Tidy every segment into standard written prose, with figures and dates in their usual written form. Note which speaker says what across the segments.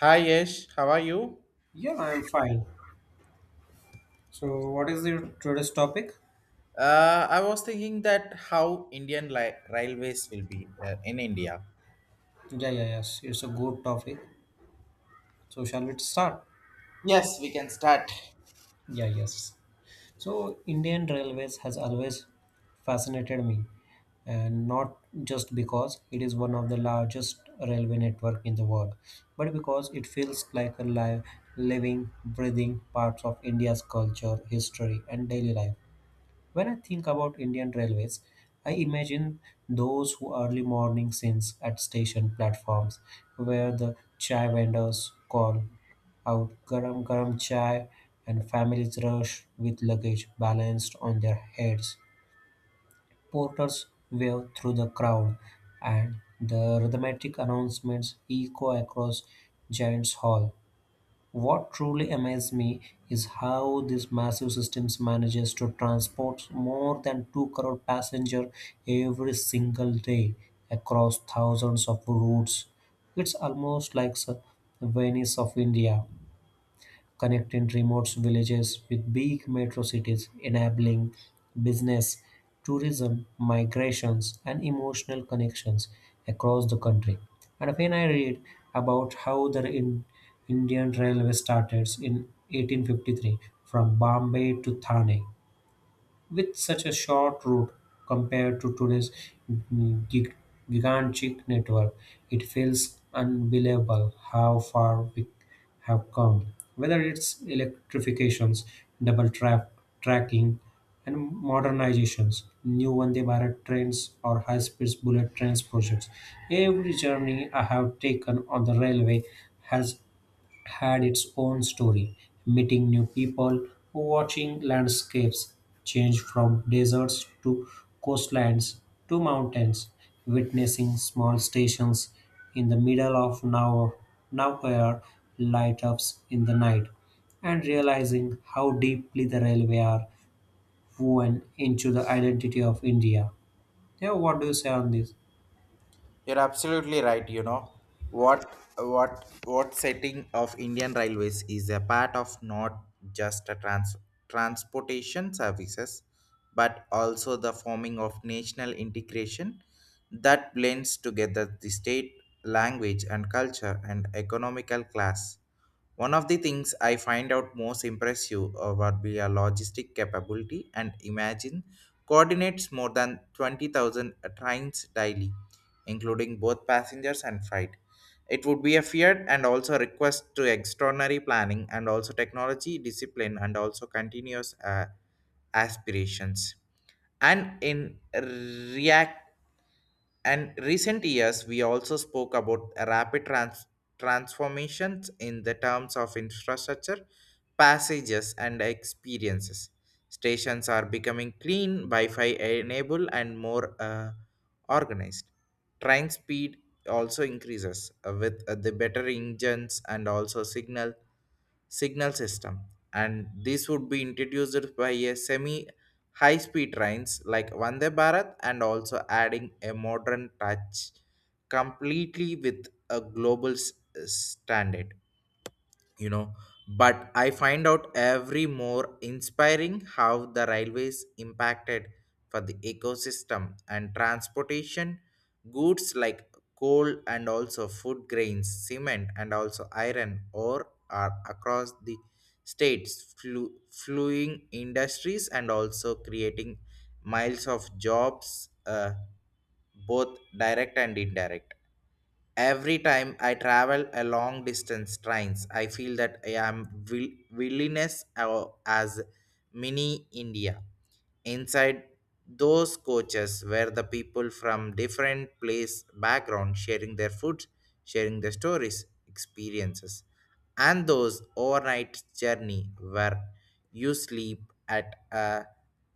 Speaker 1: Hi Yash, how are you?
Speaker 2: Yeah, I'm fine. So, what is your today's topic?
Speaker 1: I was thinking that how Indian railways will be in India.
Speaker 2: Yeah, yeah, yes. It's a good topic. So, shall we start?
Speaker 1: Yes, we can start.
Speaker 2: Yeah, yes. So, Indian Railways has always fascinated me, and not just because it is one of the largest railway network in the world, but because it feels like a live, living, breathing part of India's culture, history, and daily life. When I think about Indian railways, I imagine those who early morning scenes at station platforms where the chai vendors call out garam garam chai and families rush with luggage balanced on their heads. Porters wave through the crowd and the rhythmic announcements echo across Giant's Hall. What truly amazes me is how this massive systems manages to transport more than 2 crore passengers every single day across thousands of routes. It's almost like the Venice of India connecting remote villages with big metro cities, enabling business, tourism, migrations, and emotional connections across the country. And when I read about how the Indian railway started in 1853 from Bombay to Thane, with such a short route compared to today's gig- gigantic network, it feels unbelievable how far we have come. Whether it's electrifications, double track tracking, and modernizations, new Vande Bharat trains or high-speed bullet trains projects, every journey I have taken on the railway has had its own story, meeting new people, watching landscapes change from deserts to coastlines to mountains, witnessing small stations in the middle of nowhere light ups in the night, and realizing how deeply the railway are woven into the identity of India. Yeah, what do you say on this?
Speaker 1: You're absolutely right. You know what setting of Indian railways is a part of not just a transportation services, but also the forming of national integration that blends together the state language and culture and economical class. One of the things I find out most impressive would be a logistic capability and imagine coordinates more than 20,000 trains daily, including both passengers and freight. It would be a fear and also request to extraordinary planning and also technology discipline and also continuous aspirations. And in react and recent years, we also spoke about rapid transformations in the terms of infrastructure, passages, and experiences. Stations are becoming clean, Wi-Fi enabled, and more organized. Train speed also increases with the better engines and also signal system, and this would be introduced by a semi high speed trains like Vande Bharat and also adding a modern touch completely with a global standard, you know, but I find out every more inspiring how the railways impacted for the ecosystem and transportation goods like coal and also food grains cement and also iron ore are across the states, fluing industries, and also creating miles of jobs, both direct and indirect. Every time I travel a long distance trains, I feel that I am willingness as mini India inside those coaches were the people from different place background sharing their food sharing their stories experiences and those overnight journey where you sleep at a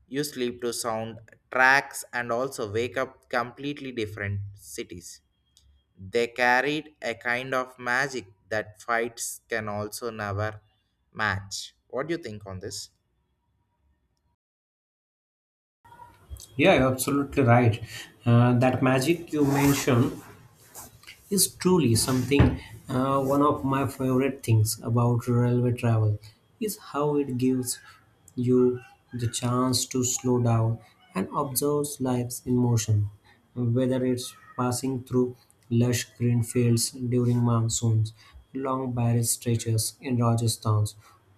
Speaker 1: you sleep to sound tracks and also wake up completely different cities. They carried a kind of magic that fights can also never match. What do you think on this?
Speaker 2: Yeah, you're absolutely right. That magic you mentioned is truly something, one of my favorite things about railway travel is how it gives you the chance to slow down and observe lives in motion whether it's passing through lush green fields during monsoons, long barren stretches in Rajasthan,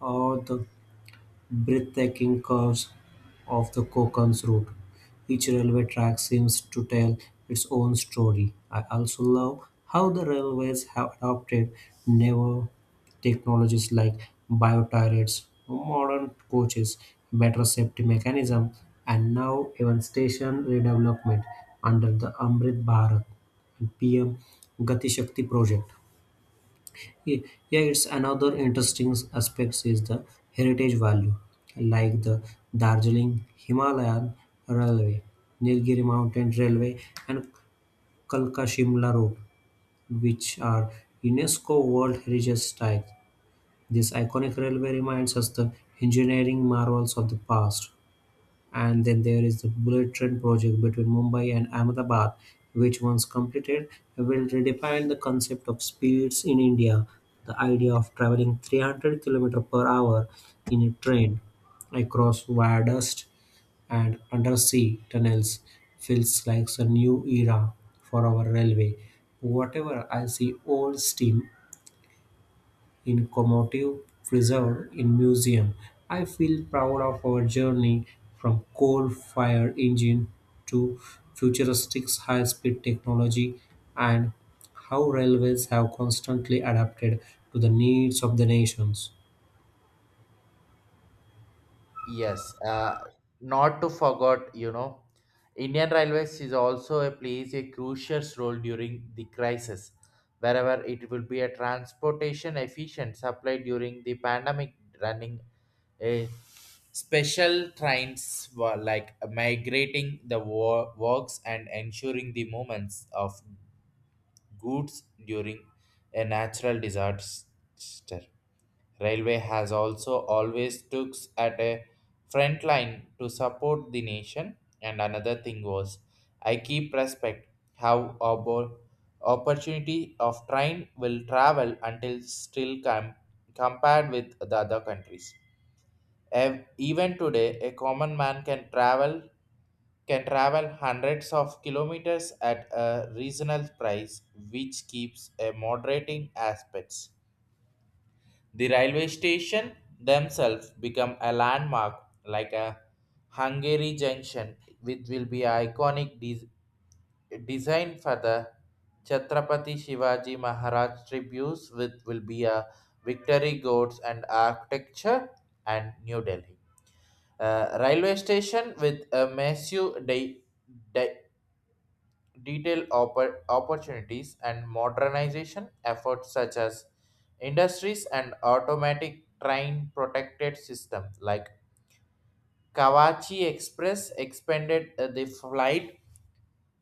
Speaker 2: or the breathtaking curves of the Cocons Route. Each railway track seems to tell its own story. I also love how the railways have adopted newer technologies like bioturrets, modern coaches, better safety mechanism, and now even station redevelopment under the Amrit Bharat and PM Gati Shakti project. Ye- Yeah, it's another interesting aspects is the heritage value, like the Darjeeling Himalayan Railway, Nilgiri Mountain Railway, and Kalka Shimla Road, which are UNESCO World Heritage Sites. This iconic railway reminds us the engineering marvels of the past and then there is the bullet train project between Mumbai and Ahmedabad, which, once completed, will redefine the concept of speeds in India. The idea of traveling 300 km per hour in a train across viaducts and undersea tunnels feels like a new era for our railway. Whatever I see old steam in incommodable preserved in museum. I feel proud of our journey from coal fire engine to futuristic high-speed technology and how railways have constantly adapted to the needs of the nations.
Speaker 1: Yes, not to forget, you know, Indian Railways is also a plays a crucial role during the crisis, wherever it will be a transportation efficient supply during the pandemic, running a special trains were like migrating the works and ensuring the movements of goods during a natural disaster. Railway has also always took at a front line to support the nation. And another thing was, I keep respect how our opportunity of train will travel until still compared with the other countries. Even today, a common man can travel hundreds of kilometers at a reasonable price, which keeps a moderating aspects. The railway station themselves become a landmark like a Hungary Junction, which will be iconic design for the Chhatrapati Shivaji Maharaj tributes, which will be a victory goats and architecture and New Delhi. Railway station with a massive de- detail opportunities and modernization efforts such as industries and automatic train protected system like Kawachi Express expanded the flight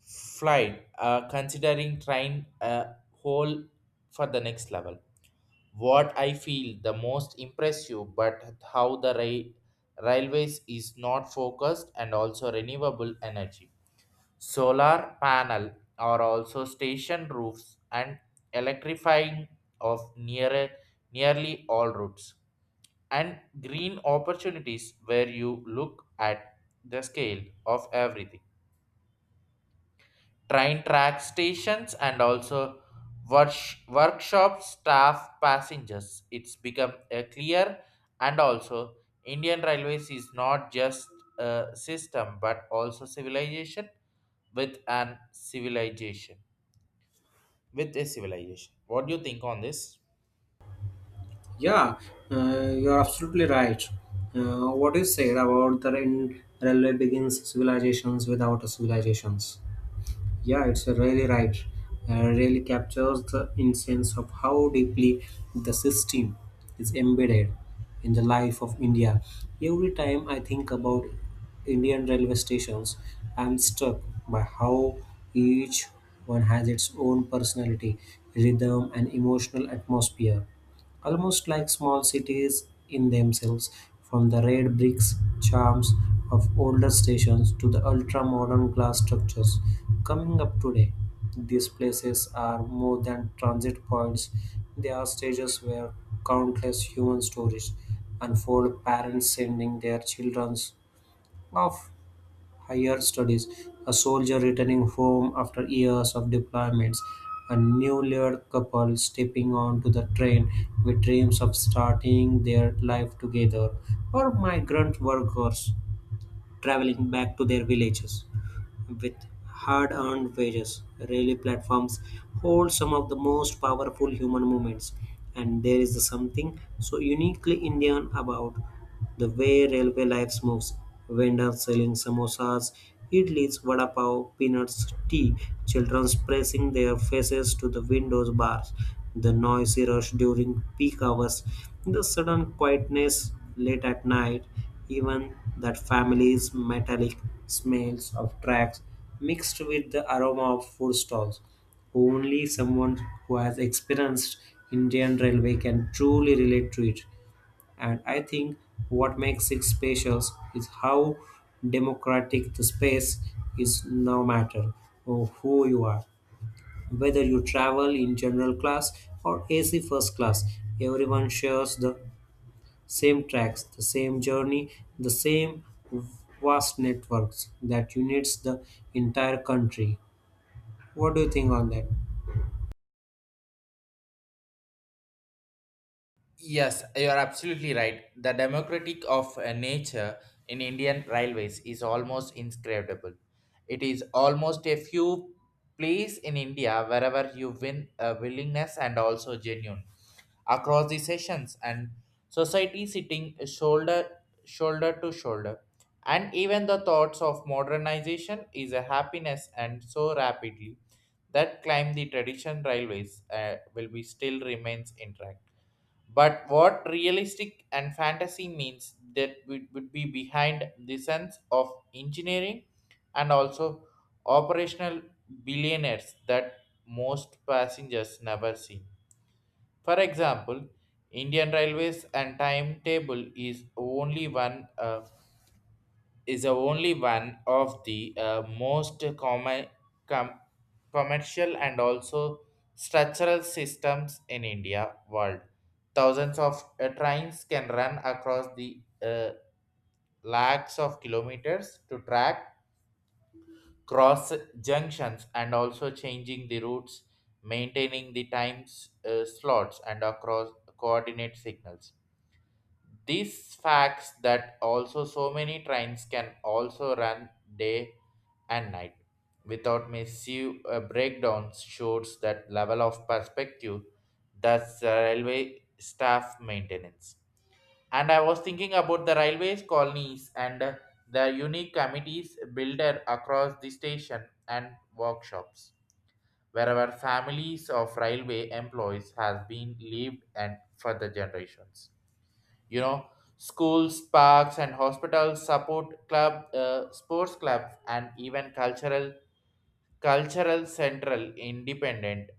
Speaker 1: flight considering train whole for the next level. What I feel the most impressive, but how the railways is not focused and also renewable energy. Solar panel are also station roofs and electrifying of nearly all routes. And green opportunities where you look at the scale of everything train track stations and also workshop staff passengers, it's become a clear and also indian railways is not just a system but also civilization with an civilization with a civilization. What do you think on this?
Speaker 2: Yeah, you're absolutely right. What you said about the railway begins civilizations without civilizations. Yeah, it's really right. Really captures the essence of how deeply the system is embedded in the life of India. Every time I think about Indian railway stations, I'm struck by how each one has its own personality, rhythm, and emotional atmosphere almost like small cities in themselves, from the red bricks charms of older stations to the ultra modern glass structures coming up today. These places are more than transit points, they are stages where countless human stories unfold, parents sending their children off higher studies, a soldier returning home after years of deployments, a newlywed couple stepping onto the train with dreams of starting their life together, or migrant workers traveling back to their villages with hard earned wages. Rally platforms hold some of the most powerful human movements, and there is something so uniquely Indian about. The way railway life moves, vendors selling samosas, idlis, vada pav, peanuts, tea, children pressing their faces to the windows bars, the noisy rush during peak hours, the sudden quietness late at night, even that family's metallic smells of tracks mixed with the aroma of food stalls. Only someone who has experienced Indian Railway can truly relate to it. And I think what makes it special is how democratic the space is no matter or who you are. Whether you travel in general class or AC first class, everyone shares the same tracks, the same journey, the same vast networks that unites the entire country. What do you think on that?
Speaker 1: Yes, you are absolutely right. The democratic of nature in Indian railways is almost inscrutable. It is almost a few place in India wherever you win a willingness and also genuine across the sessions and society sitting shoulder to shoulder, and even the thoughts of modernization is a happiness and so rapidly that climb the tradition railways will be still remains intact, but what realistic and fantasy means that would be behind the sense of engineering and also operational billionaires that most passengers never see. For example, Indian Railways and timetable is only one is the only one of the most common com- commercial and also structural systems in India world. Thousands of trains can run across the lakhs of kilometers to track cross junctions and also changing the routes, maintaining the times slots and across coordinate signals. These facts that also so many trains can also run day and night without massive breakdowns shows that level of perspective that's the railway staff maintenance. And I was thinking about the railways colonies and the unique committees builder across the station and workshops wherever families of railway employees has been lived and for the generations, you know, schools parks and hospitals support club sports clubs and even cultural central independent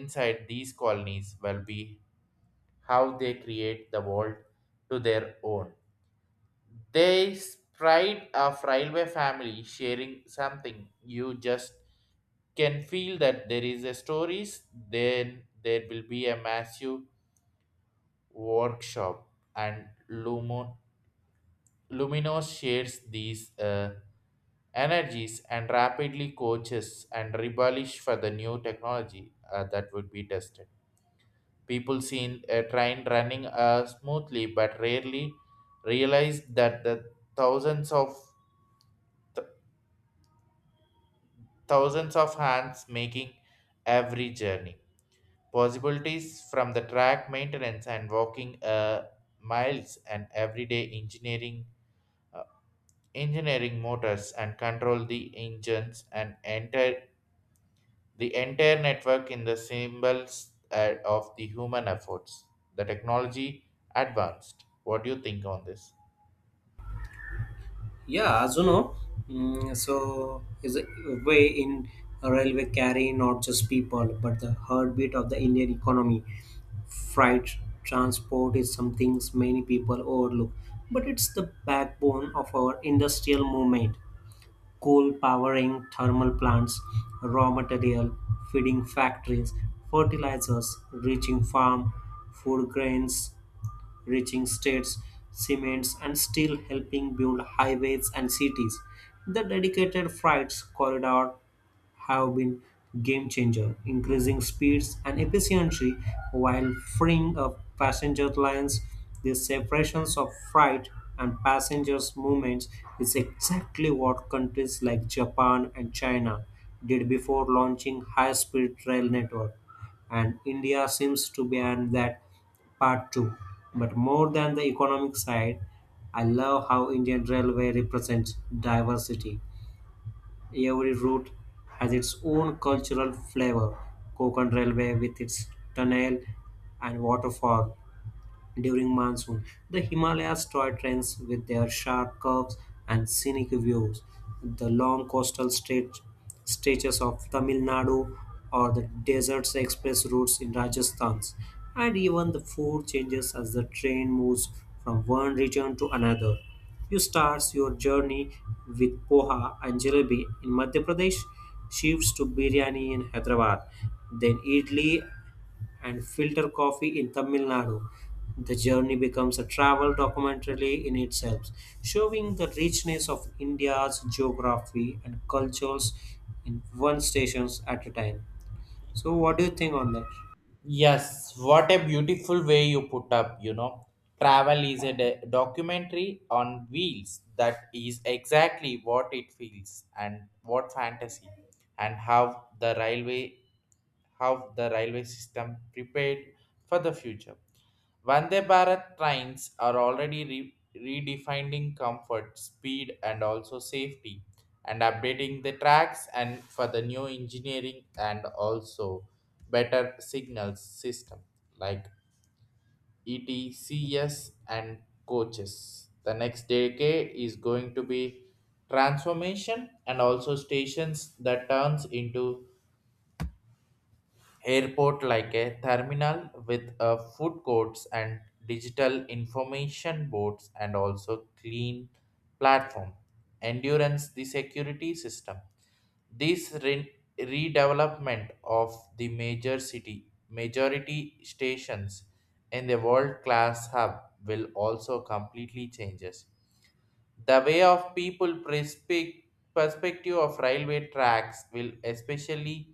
Speaker 1: inside these colonies will be how they create the world to their own. They spread a railway family sharing something you just can feel that there is a stories. Then there will be a massive workshop and lumo Luminos shares these energies and rapidly coaches and rebellish for the new technology that would be tested. People seen a train running smoothly but rarely realize that the thousands of th- thousands of hands making every journey. Possibilities from the track maintenance and walking miles and everyday engineering uh, engineering motors and control the engines and enter the entire network in the symbols of the human efforts. The technology advanced. What do you think on this?
Speaker 2: Yeah, as you know, so is a way in a railway carry not just people but the heartbeat of the Indian economy. Freight transport is something many people overlook, but it's the backbone of our industrial movement. Coal powering thermal plants, raw material, feeding factories, fertilizers, reaching farm, food grains, reaching states, cements, and still helping build highways and cities. The dedicated freight corridor have been game changer, increasing speeds and efficiency while freeing up passenger lines. The separations of freight and passengers movements is exactly what countries like Japan and China did before launching high-speed rail network and India seems to be on that Part 2. But more than the economic side, I love how Indian Railway represents diversity. Every route has its own cultural flavor. Konkan Railway with its tunnel and waterfall, during monsoon. The Himalayas toy trains with their sharp curves and scenic views, the long coastal stretch, stretches of Tamil Nadu, or the deserts express routes in Rajasthan, and even the food changes as the train moves from one region to another. You start your journey with poha and jalebi in Madhya Pradesh, shifts to biryani in Hyderabad, then idli and filter coffee in Tamil Nadu. The journey becomes a travel documentary in itself, showing the richness of India's geography and cultures in one station at a time. So, what do you think on that?
Speaker 1: Yes, what a beautiful way you put up, you know. Travel is a documentary on wheels that is exactly what it feels and what fantasy and how the railway system prepared for the future. Vande Bharat trains are already redefining comfort, speed, and also safety, and updating the tracks and for the new engineering and also better signals system like ETCS and coaches. The next decade is going to be transformation and also stations that turns into airport like a terminal with food courts and digital information boards and also clean platform endurance the security system. This redevelopment of the major city majority stations in the world class hub will also completely changes the way of people perspective of railway tracks will especially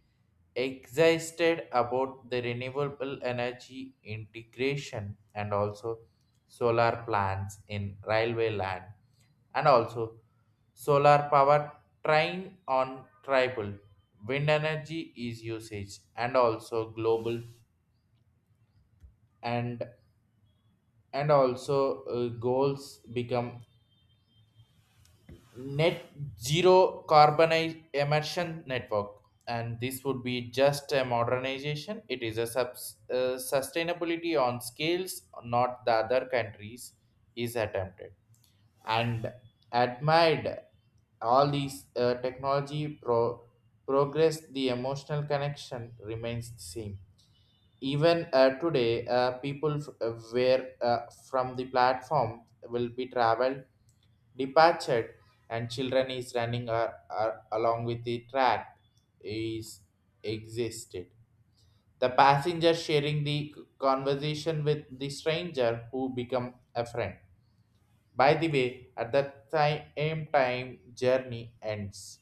Speaker 1: excited about the renewable energy integration and also solar plants in railway land and also solar power train on tribal wind energy is usage and also global and also goals become net zero carbon emission network, and this would be just a modernization it is a sustainability on scales not the other countries is attempted and admired. All these technology progress the emotional connection remains the same, even today people where from the platform will be traveled departed and children is running along with the track is existed, the passenger sharing the conversation with the stranger who become a friend by the way at that time journey ends.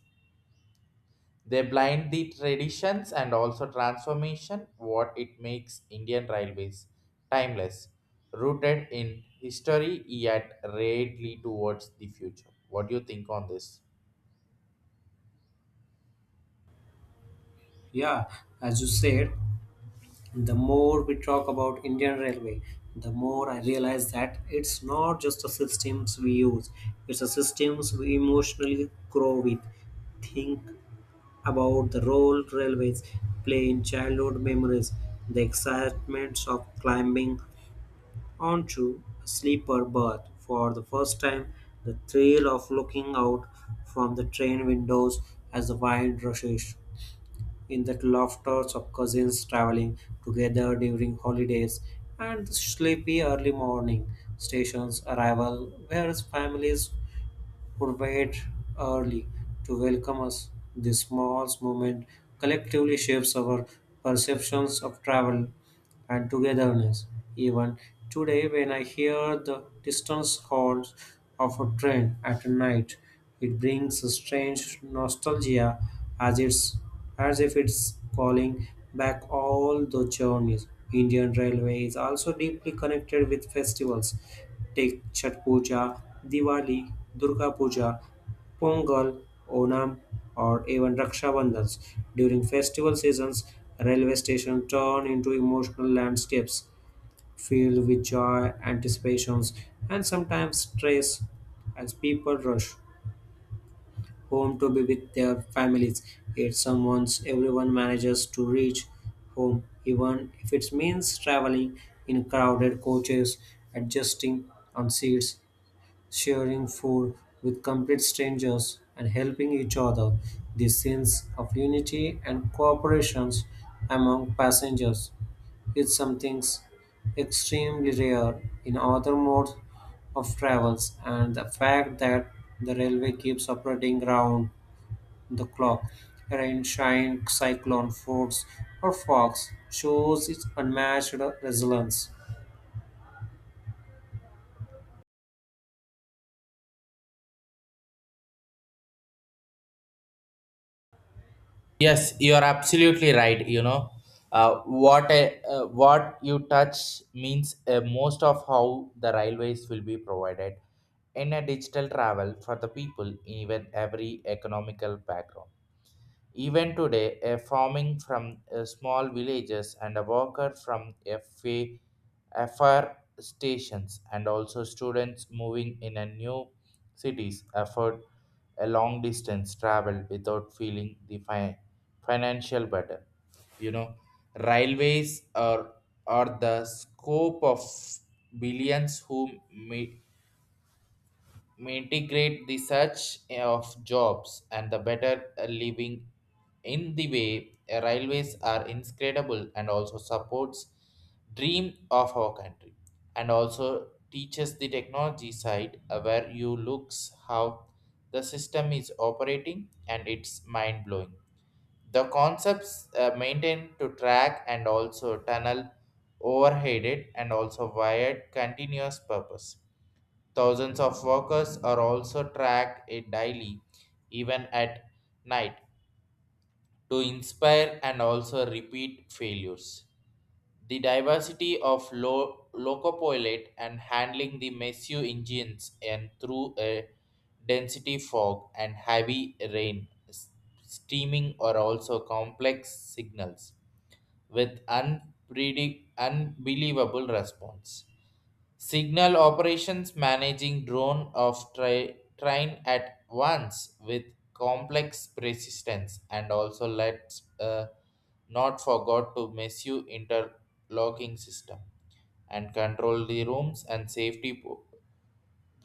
Speaker 1: They blind the traditions and also transformation what it makes Indian railways timeless, rooted in history yet rarely towards the future. What do you think on this?
Speaker 2: Yeah, as you said, the more we talk about Indian Railway, the more I realize that it's not just the systems we use, it's the systems we emotionally grow with, think, about the role railways play in childhood memories, the excitement of climbing onto a sleeper berth for the first time, the thrill of looking out from the train windows as the wind rushes, in the laughters of cousins traveling together during holidays, and the sleepy early morning stations arrival where families would wait early to welcome us. This small moment collectively shapes our perceptions of travel and togetherness. Even today, when I hear the distant horns of a train at night, it brings a strange nostalgia as it's as if it's calling back all the journeys. Indian Railway is also deeply connected with festivals. Take Chhat Puja, Diwali, Durga Puja, Pongal, Onam, or even Raksha Bandhans. During festival seasons, railway stations turn into emotional landscapes filled with joy, anticipations, and sometimes stress as people rush home to be with their families. Yet, someone's everyone manages to reach home, even if it means traveling in crowded coaches, adjusting on seats, sharing food with complete strangers and helping each other. The sense of unity and cooperation among passengers is something extremely rare in other modes of travels and the fact that the railway keeps operating round the clock rain shine cyclone floods or fogs shows its unmatched resilience.
Speaker 1: Yes, you are absolutely right. You know, what a, what you touch means most of how the railways will be provided in a digital travel for the people, even every economical background. Even today, a farming from small villages and a worker from FR stations and also students moving in a new cities afford a long distance travel without feeling the financial burden. You know, railways are, are the scope of billions who meet may integrate the search of jobs and the better living in the way railways are inscrutable and also supports dream of our country and also teaches the technology side where you looks how the system is operating and it's mind blowing the concepts maintained to track and also tunnel overheaded and also wired continuous purpose. Thousands of workers are also tracked it daily, even at night, to inspire and also repeat failures. The diversity of locopilot and handling the messy engines and through a density fog and heavy rain, steaming or also complex signals with unbelievable response. Signal operations managing drone of train at once with complex persistence and also let's not forgot to misuse interlocking system and control the rooms and safety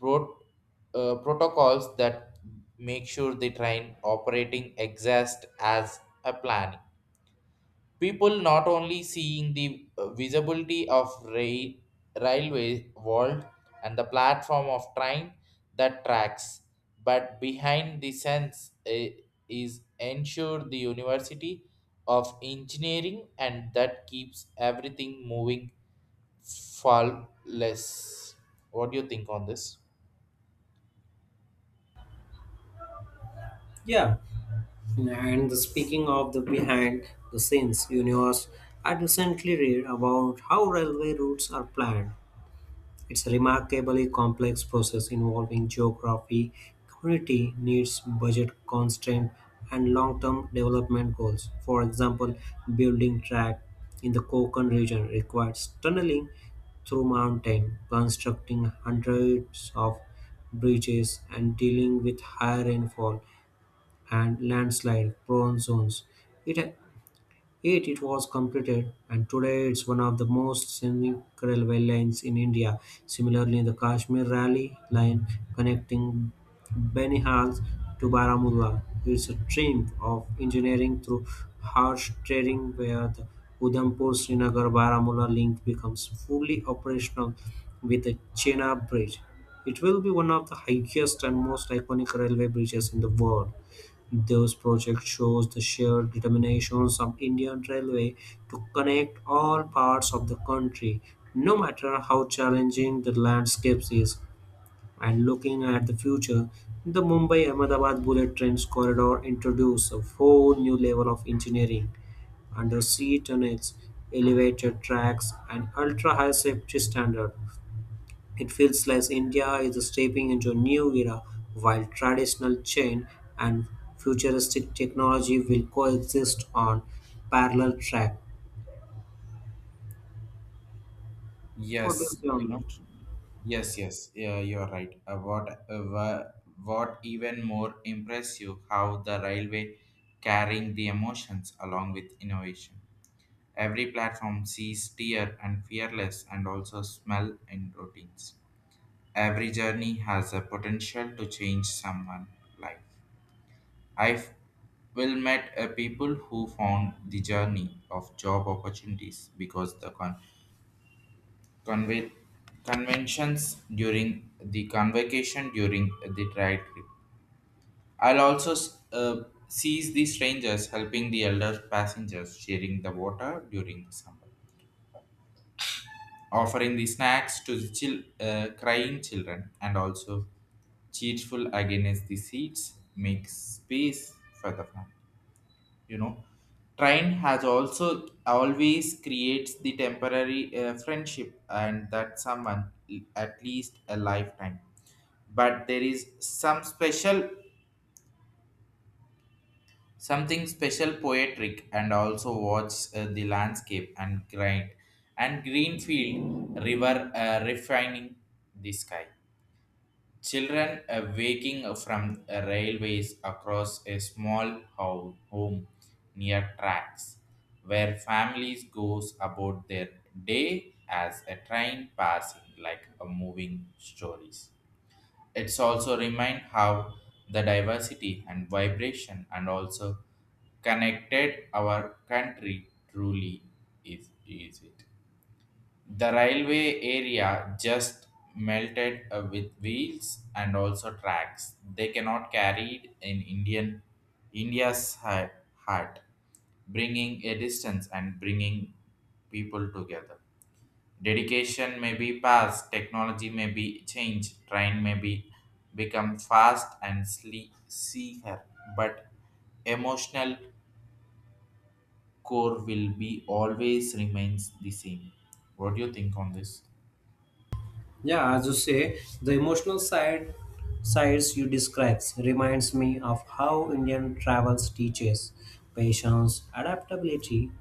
Speaker 1: pro- protocols that make sure the train operating exists as a plan. People not only seeing the visibility of railway world and the platform of train that tracks, but behind the sense is ensure the university of engineering and that keeps everything moving flawless. What do you think on this?
Speaker 2: Yeah. And the speaking of the behind the scenes universe, I recently read about how railway routes are planned. It's a remarkably complex process involving geography, community needs, budget constraint, and long term development goals. For example, building track in the Konkan region requires tunneling through mountain, constructing hundreds of bridges, and dealing with high rainfall and landslide prone zones. It, it was completed and today it's one of the most scenic railway lines in India. Similarly, the Kashmir Rally line connecting Benihal to Baramulla is a triumph of engineering through harsh terrain, where the Udhampur Srinagar Baramulla link becomes fully operational with the Chenab Bridge. It will be one of the highest and most iconic railway bridges in the world. This project shows the shared determination of Indian Railway to connect all parts of the country, no matter how challenging the landscape is. And looking at the future, the Mumbai Ahmedabad bullet trains corridor introduces a whole new level of engineering, undersea tunnels, elevated tracks, and ultra high safety standard. It feels like India is stepping into a new era, while traditional chain and futuristic technology will coexist on parallel track. What do you
Speaker 1: Yes,
Speaker 2: say
Speaker 1: you
Speaker 2: on
Speaker 1: know.
Speaker 2: it?
Speaker 1: Yes, yes, yeah, you're right. What even more impress you how the railway carrying the emotions along with innovation. Every platform sees tear and fearless and also smell and routines. Every journey has a potential to change someone's life. I will met a people who found the journey of job opportunities because the Conve- conventions during the convocation during the trial trip. I'll also s- uh, Seize the strangers helping the elder passengers sharing the water during the summer, offering the snacks to the crying children, and also cheerful against the seats make space for the family. You know, train has also always creates the temporary friendship and that someone at least a lifetime, but there is something special poetic and also watch the landscape and grind and green field river refining the sky. Children waking from railways across a small home near tracks, where families goes about their day as a train passing like a moving stories. It's also remind how the diversity and vibration and also connected our country truly is it. The railway area just melted with wheels and also tracks. They cannot carried in Indian India's heart, bringing a distance and bringing people together. Dedication may be past, technology may be changed, train may be become fast and sleep see her, but emotional core will be always remains the same. What do you think on this?
Speaker 2: Yeah, as you say, the emotional sides you describes reminds me of how Indian travels teaches patience, adaptability,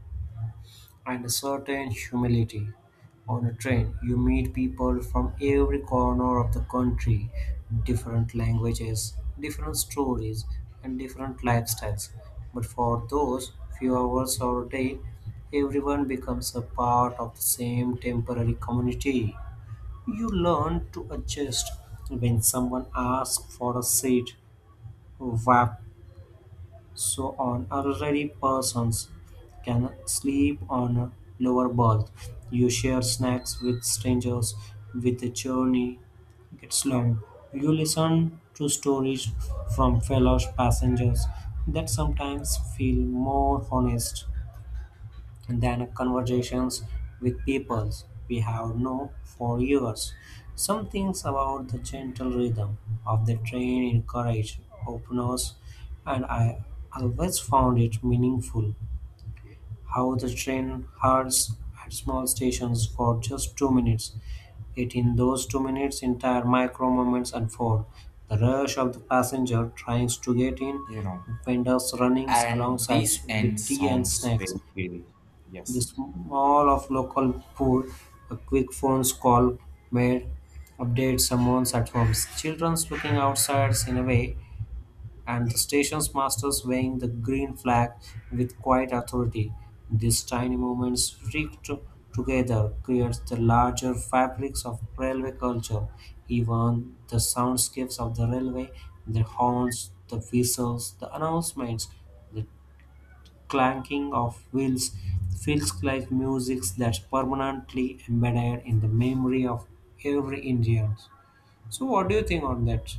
Speaker 2: and a certain humility. On a train, you meet people from every corner of the country, different languages, different stories, and different lifestyles. But for those few hours or a day, everyone becomes a part of the same temporary community. You learn to adjust when someone asks for a seat, WAP, so on elderly persons can sleep on a lower berth. You share snacks with strangers, with the journey gets long. You listen to stories from fellow passengers that sometimes feel more honest than conversations with peoples we have known for years. Some things about the gentle rhythm of the train encourage openness, and I always found it meaningful how the train halts at small stations for just 2 minutes. It in those 2 minutes, entire micro moments unfold. The rush of the passenger trying to get in,
Speaker 1: You know.
Speaker 2: vendors running
Speaker 1: And
Speaker 2: alongside
Speaker 1: this end
Speaker 2: with tea and
Speaker 1: sounds
Speaker 2: snacks,
Speaker 1: very eerie.
Speaker 2: the
Speaker 1: Yes,
Speaker 2: small of local poor, a quick phone call made update someone's at home. Children's looking outside in a way, and the station's masters waving the green flag with quiet authority. These tiny movements freaked together creates the larger fabrics of railway culture. Even the soundscapes of the railway, the horns, the whistles, the announcements, the clanking of wheels feels like music that's permanently embedded in the memory of every Indian. So, what do you think on that?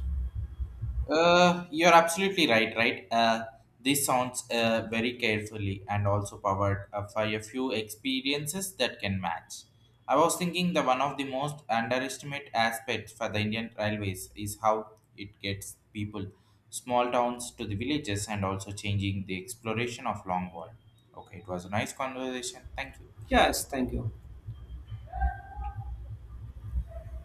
Speaker 1: you're absolutely right. This sounds very carefully and also powered by a few experiences that can match. I was thinking that one of the most underestimated aspects for the Indian railways is how it gets people, small towns to the villages, and also changing the exploration of long world. Okay, it was a nice conversation. Thank you.
Speaker 2: Yes, thank you.